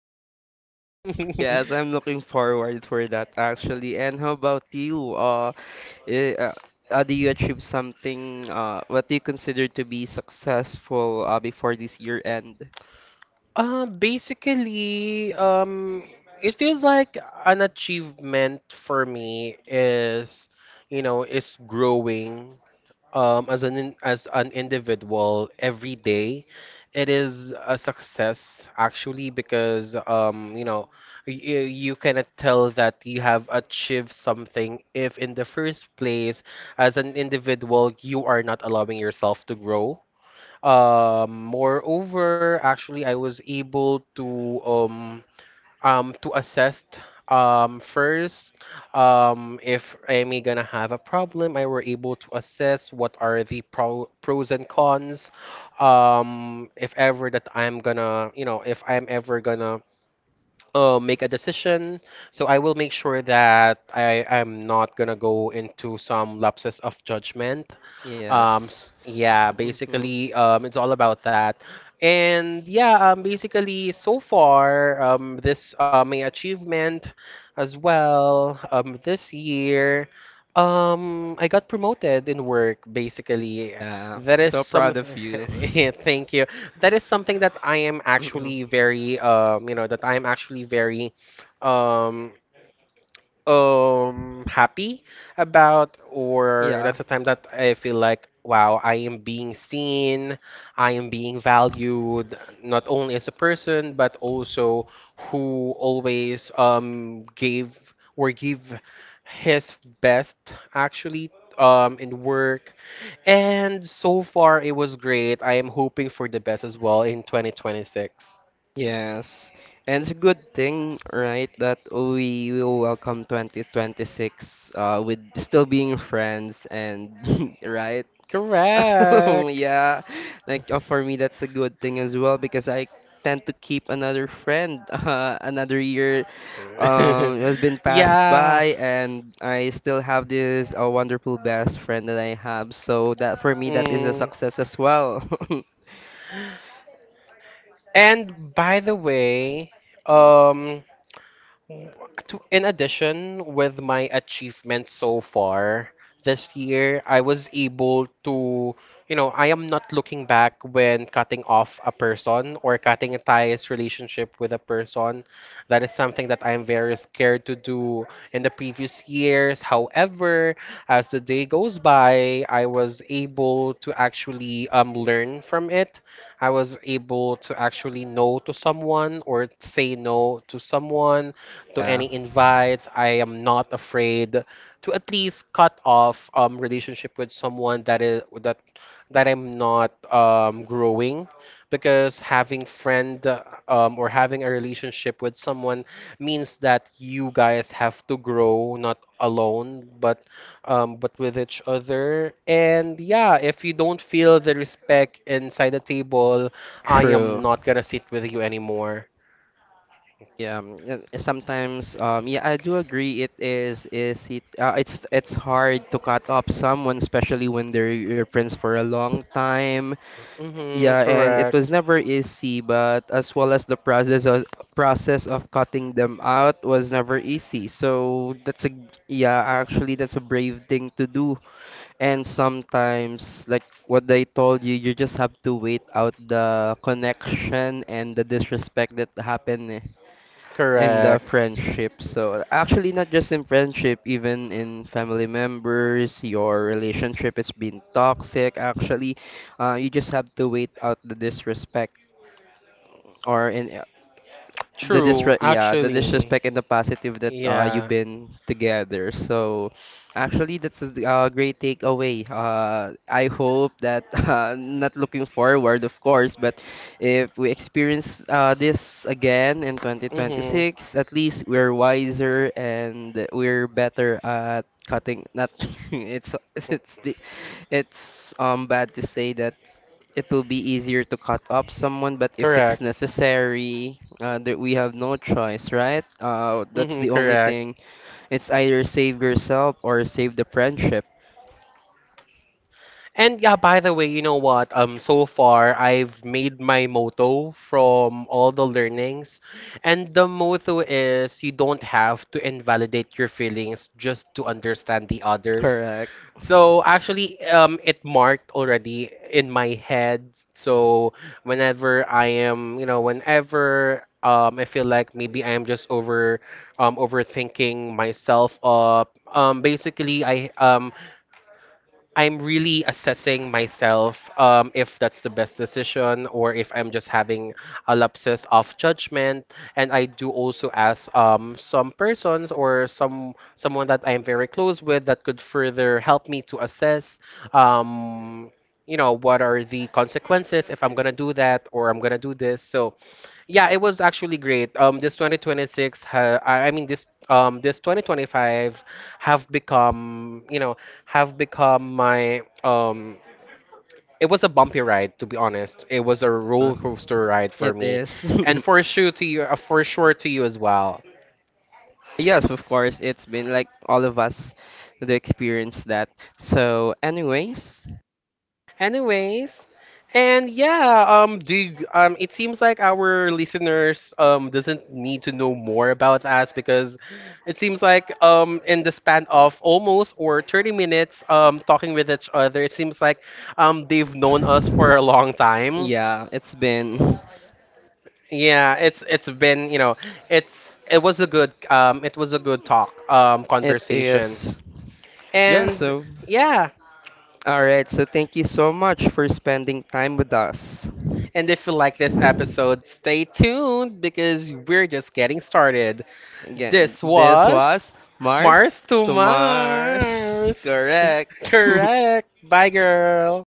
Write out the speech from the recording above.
die. Yes, I'm looking forward for that actually. And how about you? Eh, uh, do you achieve something, what do you consider to be successful, before this year end? Basically, it feels like an achievement for me is, is growing as as an individual every day. It is a success actually because you cannot tell that you have achieved something if in the first place as an individual you are not allowing yourself to grow. Moreover, actually I was able um, to assess, first, if Amy gonna have a problem I were able to assess what are the pros and cons. If ever that I'm gonna, you know, if I'm ever gonna make a decision, so I will make sure that I am not gonna go into some lapses of judgment. Yes. Yeah, Mm-hmm. basically, it's all about that. And yeah, basically, so far, this my achievement as well. This year, I got promoted in work. Basically, Yeah. that So is proud some. of you. Thank you. That is something that I am Mm-mm. actually very, that I am actually very, um, happy about. Or Yeah. that's a time that I feel like, wow, I am being seen, I am being valued, not only as a person but also who always gave or give his best, actually, in work. And so far it was great. I am hoping for the best as well in 2026. Yes, and it's a good thing, right, that we will welcome 2026, with still being friends and right? Correct. Yeah, like, for me, that's a good thing as well because I tend to keep another friend. Another year has been passed Yeah. by, and I still have this wonderful best friend that I have. So that for me, that is a Mm. success as well. And by the way, um, to, in addition, with my achievements so far this year, I was able to, you know, I am not looking back when cutting off a person or cutting a ties relationship with a person. That is something that I am very scared to do in the previous years. However, as the day goes by, I was able to actually learn from it. I was able to actually know to someone or say no to someone to Yeah, any invites. I am not afraid to at least cut off relationship with someone that is that I'm not growing, because having friend, or having a relationship with someone means that you guys have to grow, not alone but with each other. And yeah, if you don't feel the respect inside the table, I am true. not gonna sit with you anymore. Yeah, sometimes yeah, I do agree it is it it's hard to cut up someone, especially when they're your friends for a long time. Mm-hmm, Yeah, and it was correct. never easy, but as well as the process of cutting them out was never easy. So that's a, yeah, actually that's a brave thing to do. And sometimes like what I told you, you just have to wait out the connection and the disrespect that happened, in the Correct. friendship. So actually, not just in friendship, even in family members, your relationship is being toxic. Actually, you just have to wait out the disrespect, or in the True, disre yeah the actually. disrespect and the positive that you've Yeah. been together. So actually that's a, great takeaway. I hope that not looking forward of course, but if we experience, this again in Mm-hmm. 2026, at least we're wiser and we're better at cutting. Not it's it's the it's bad to say that it will be easier to cut up someone, but if it's Correct. necessary, that we have no choice, right? That's Mm-hmm, the only correct. thing. It's either save yourself or save the friendship. And yeah, by the way, you know what? So far I've made my motto from all the learnings, and the motto is, you don't have to invalidate your feelings just to understand the others. Correct. So actually, it marked already in my head. So whenever I am, you know, whenever I feel like maybe I am just over, overthinking myself up. Basically, I'm really assessing myself, if that's the best decision or if I'm just having a lapses of judgment. And I do also ask, some persons or someone that I am very close with that could further help me to assess, um, you know, what are the consequences if I'm gonna do that or I'm gonna do this. So yeah, it was actually great. Um, this 2026 ha I mean this this 2025 have become, you know, have become my it was a bumpy ride, to be honest. It was a Uh, roller coaster ride for it me, is. and for sure to you, for sure to you as well. Yes, of course. It's been like all of us to experience that. So, anyways, Anyways, and yeah, it seems like our listeners doesn't need to know more about us because it seems like in the span of almost or 30 minutes talking with each other, it seems like they've known us for a long time. yeah, it's been. Yeah, it's been, you know, it was a good it was a good talk, It conversation. is. Yeah, And so. yeah, All right, so thank you so much for spending time with us. and if you like this episode, stay tuned because we're just getting started. Again, This this was was Mars Mars to to Mars. Mars. Correct. Correct. Bye, girl.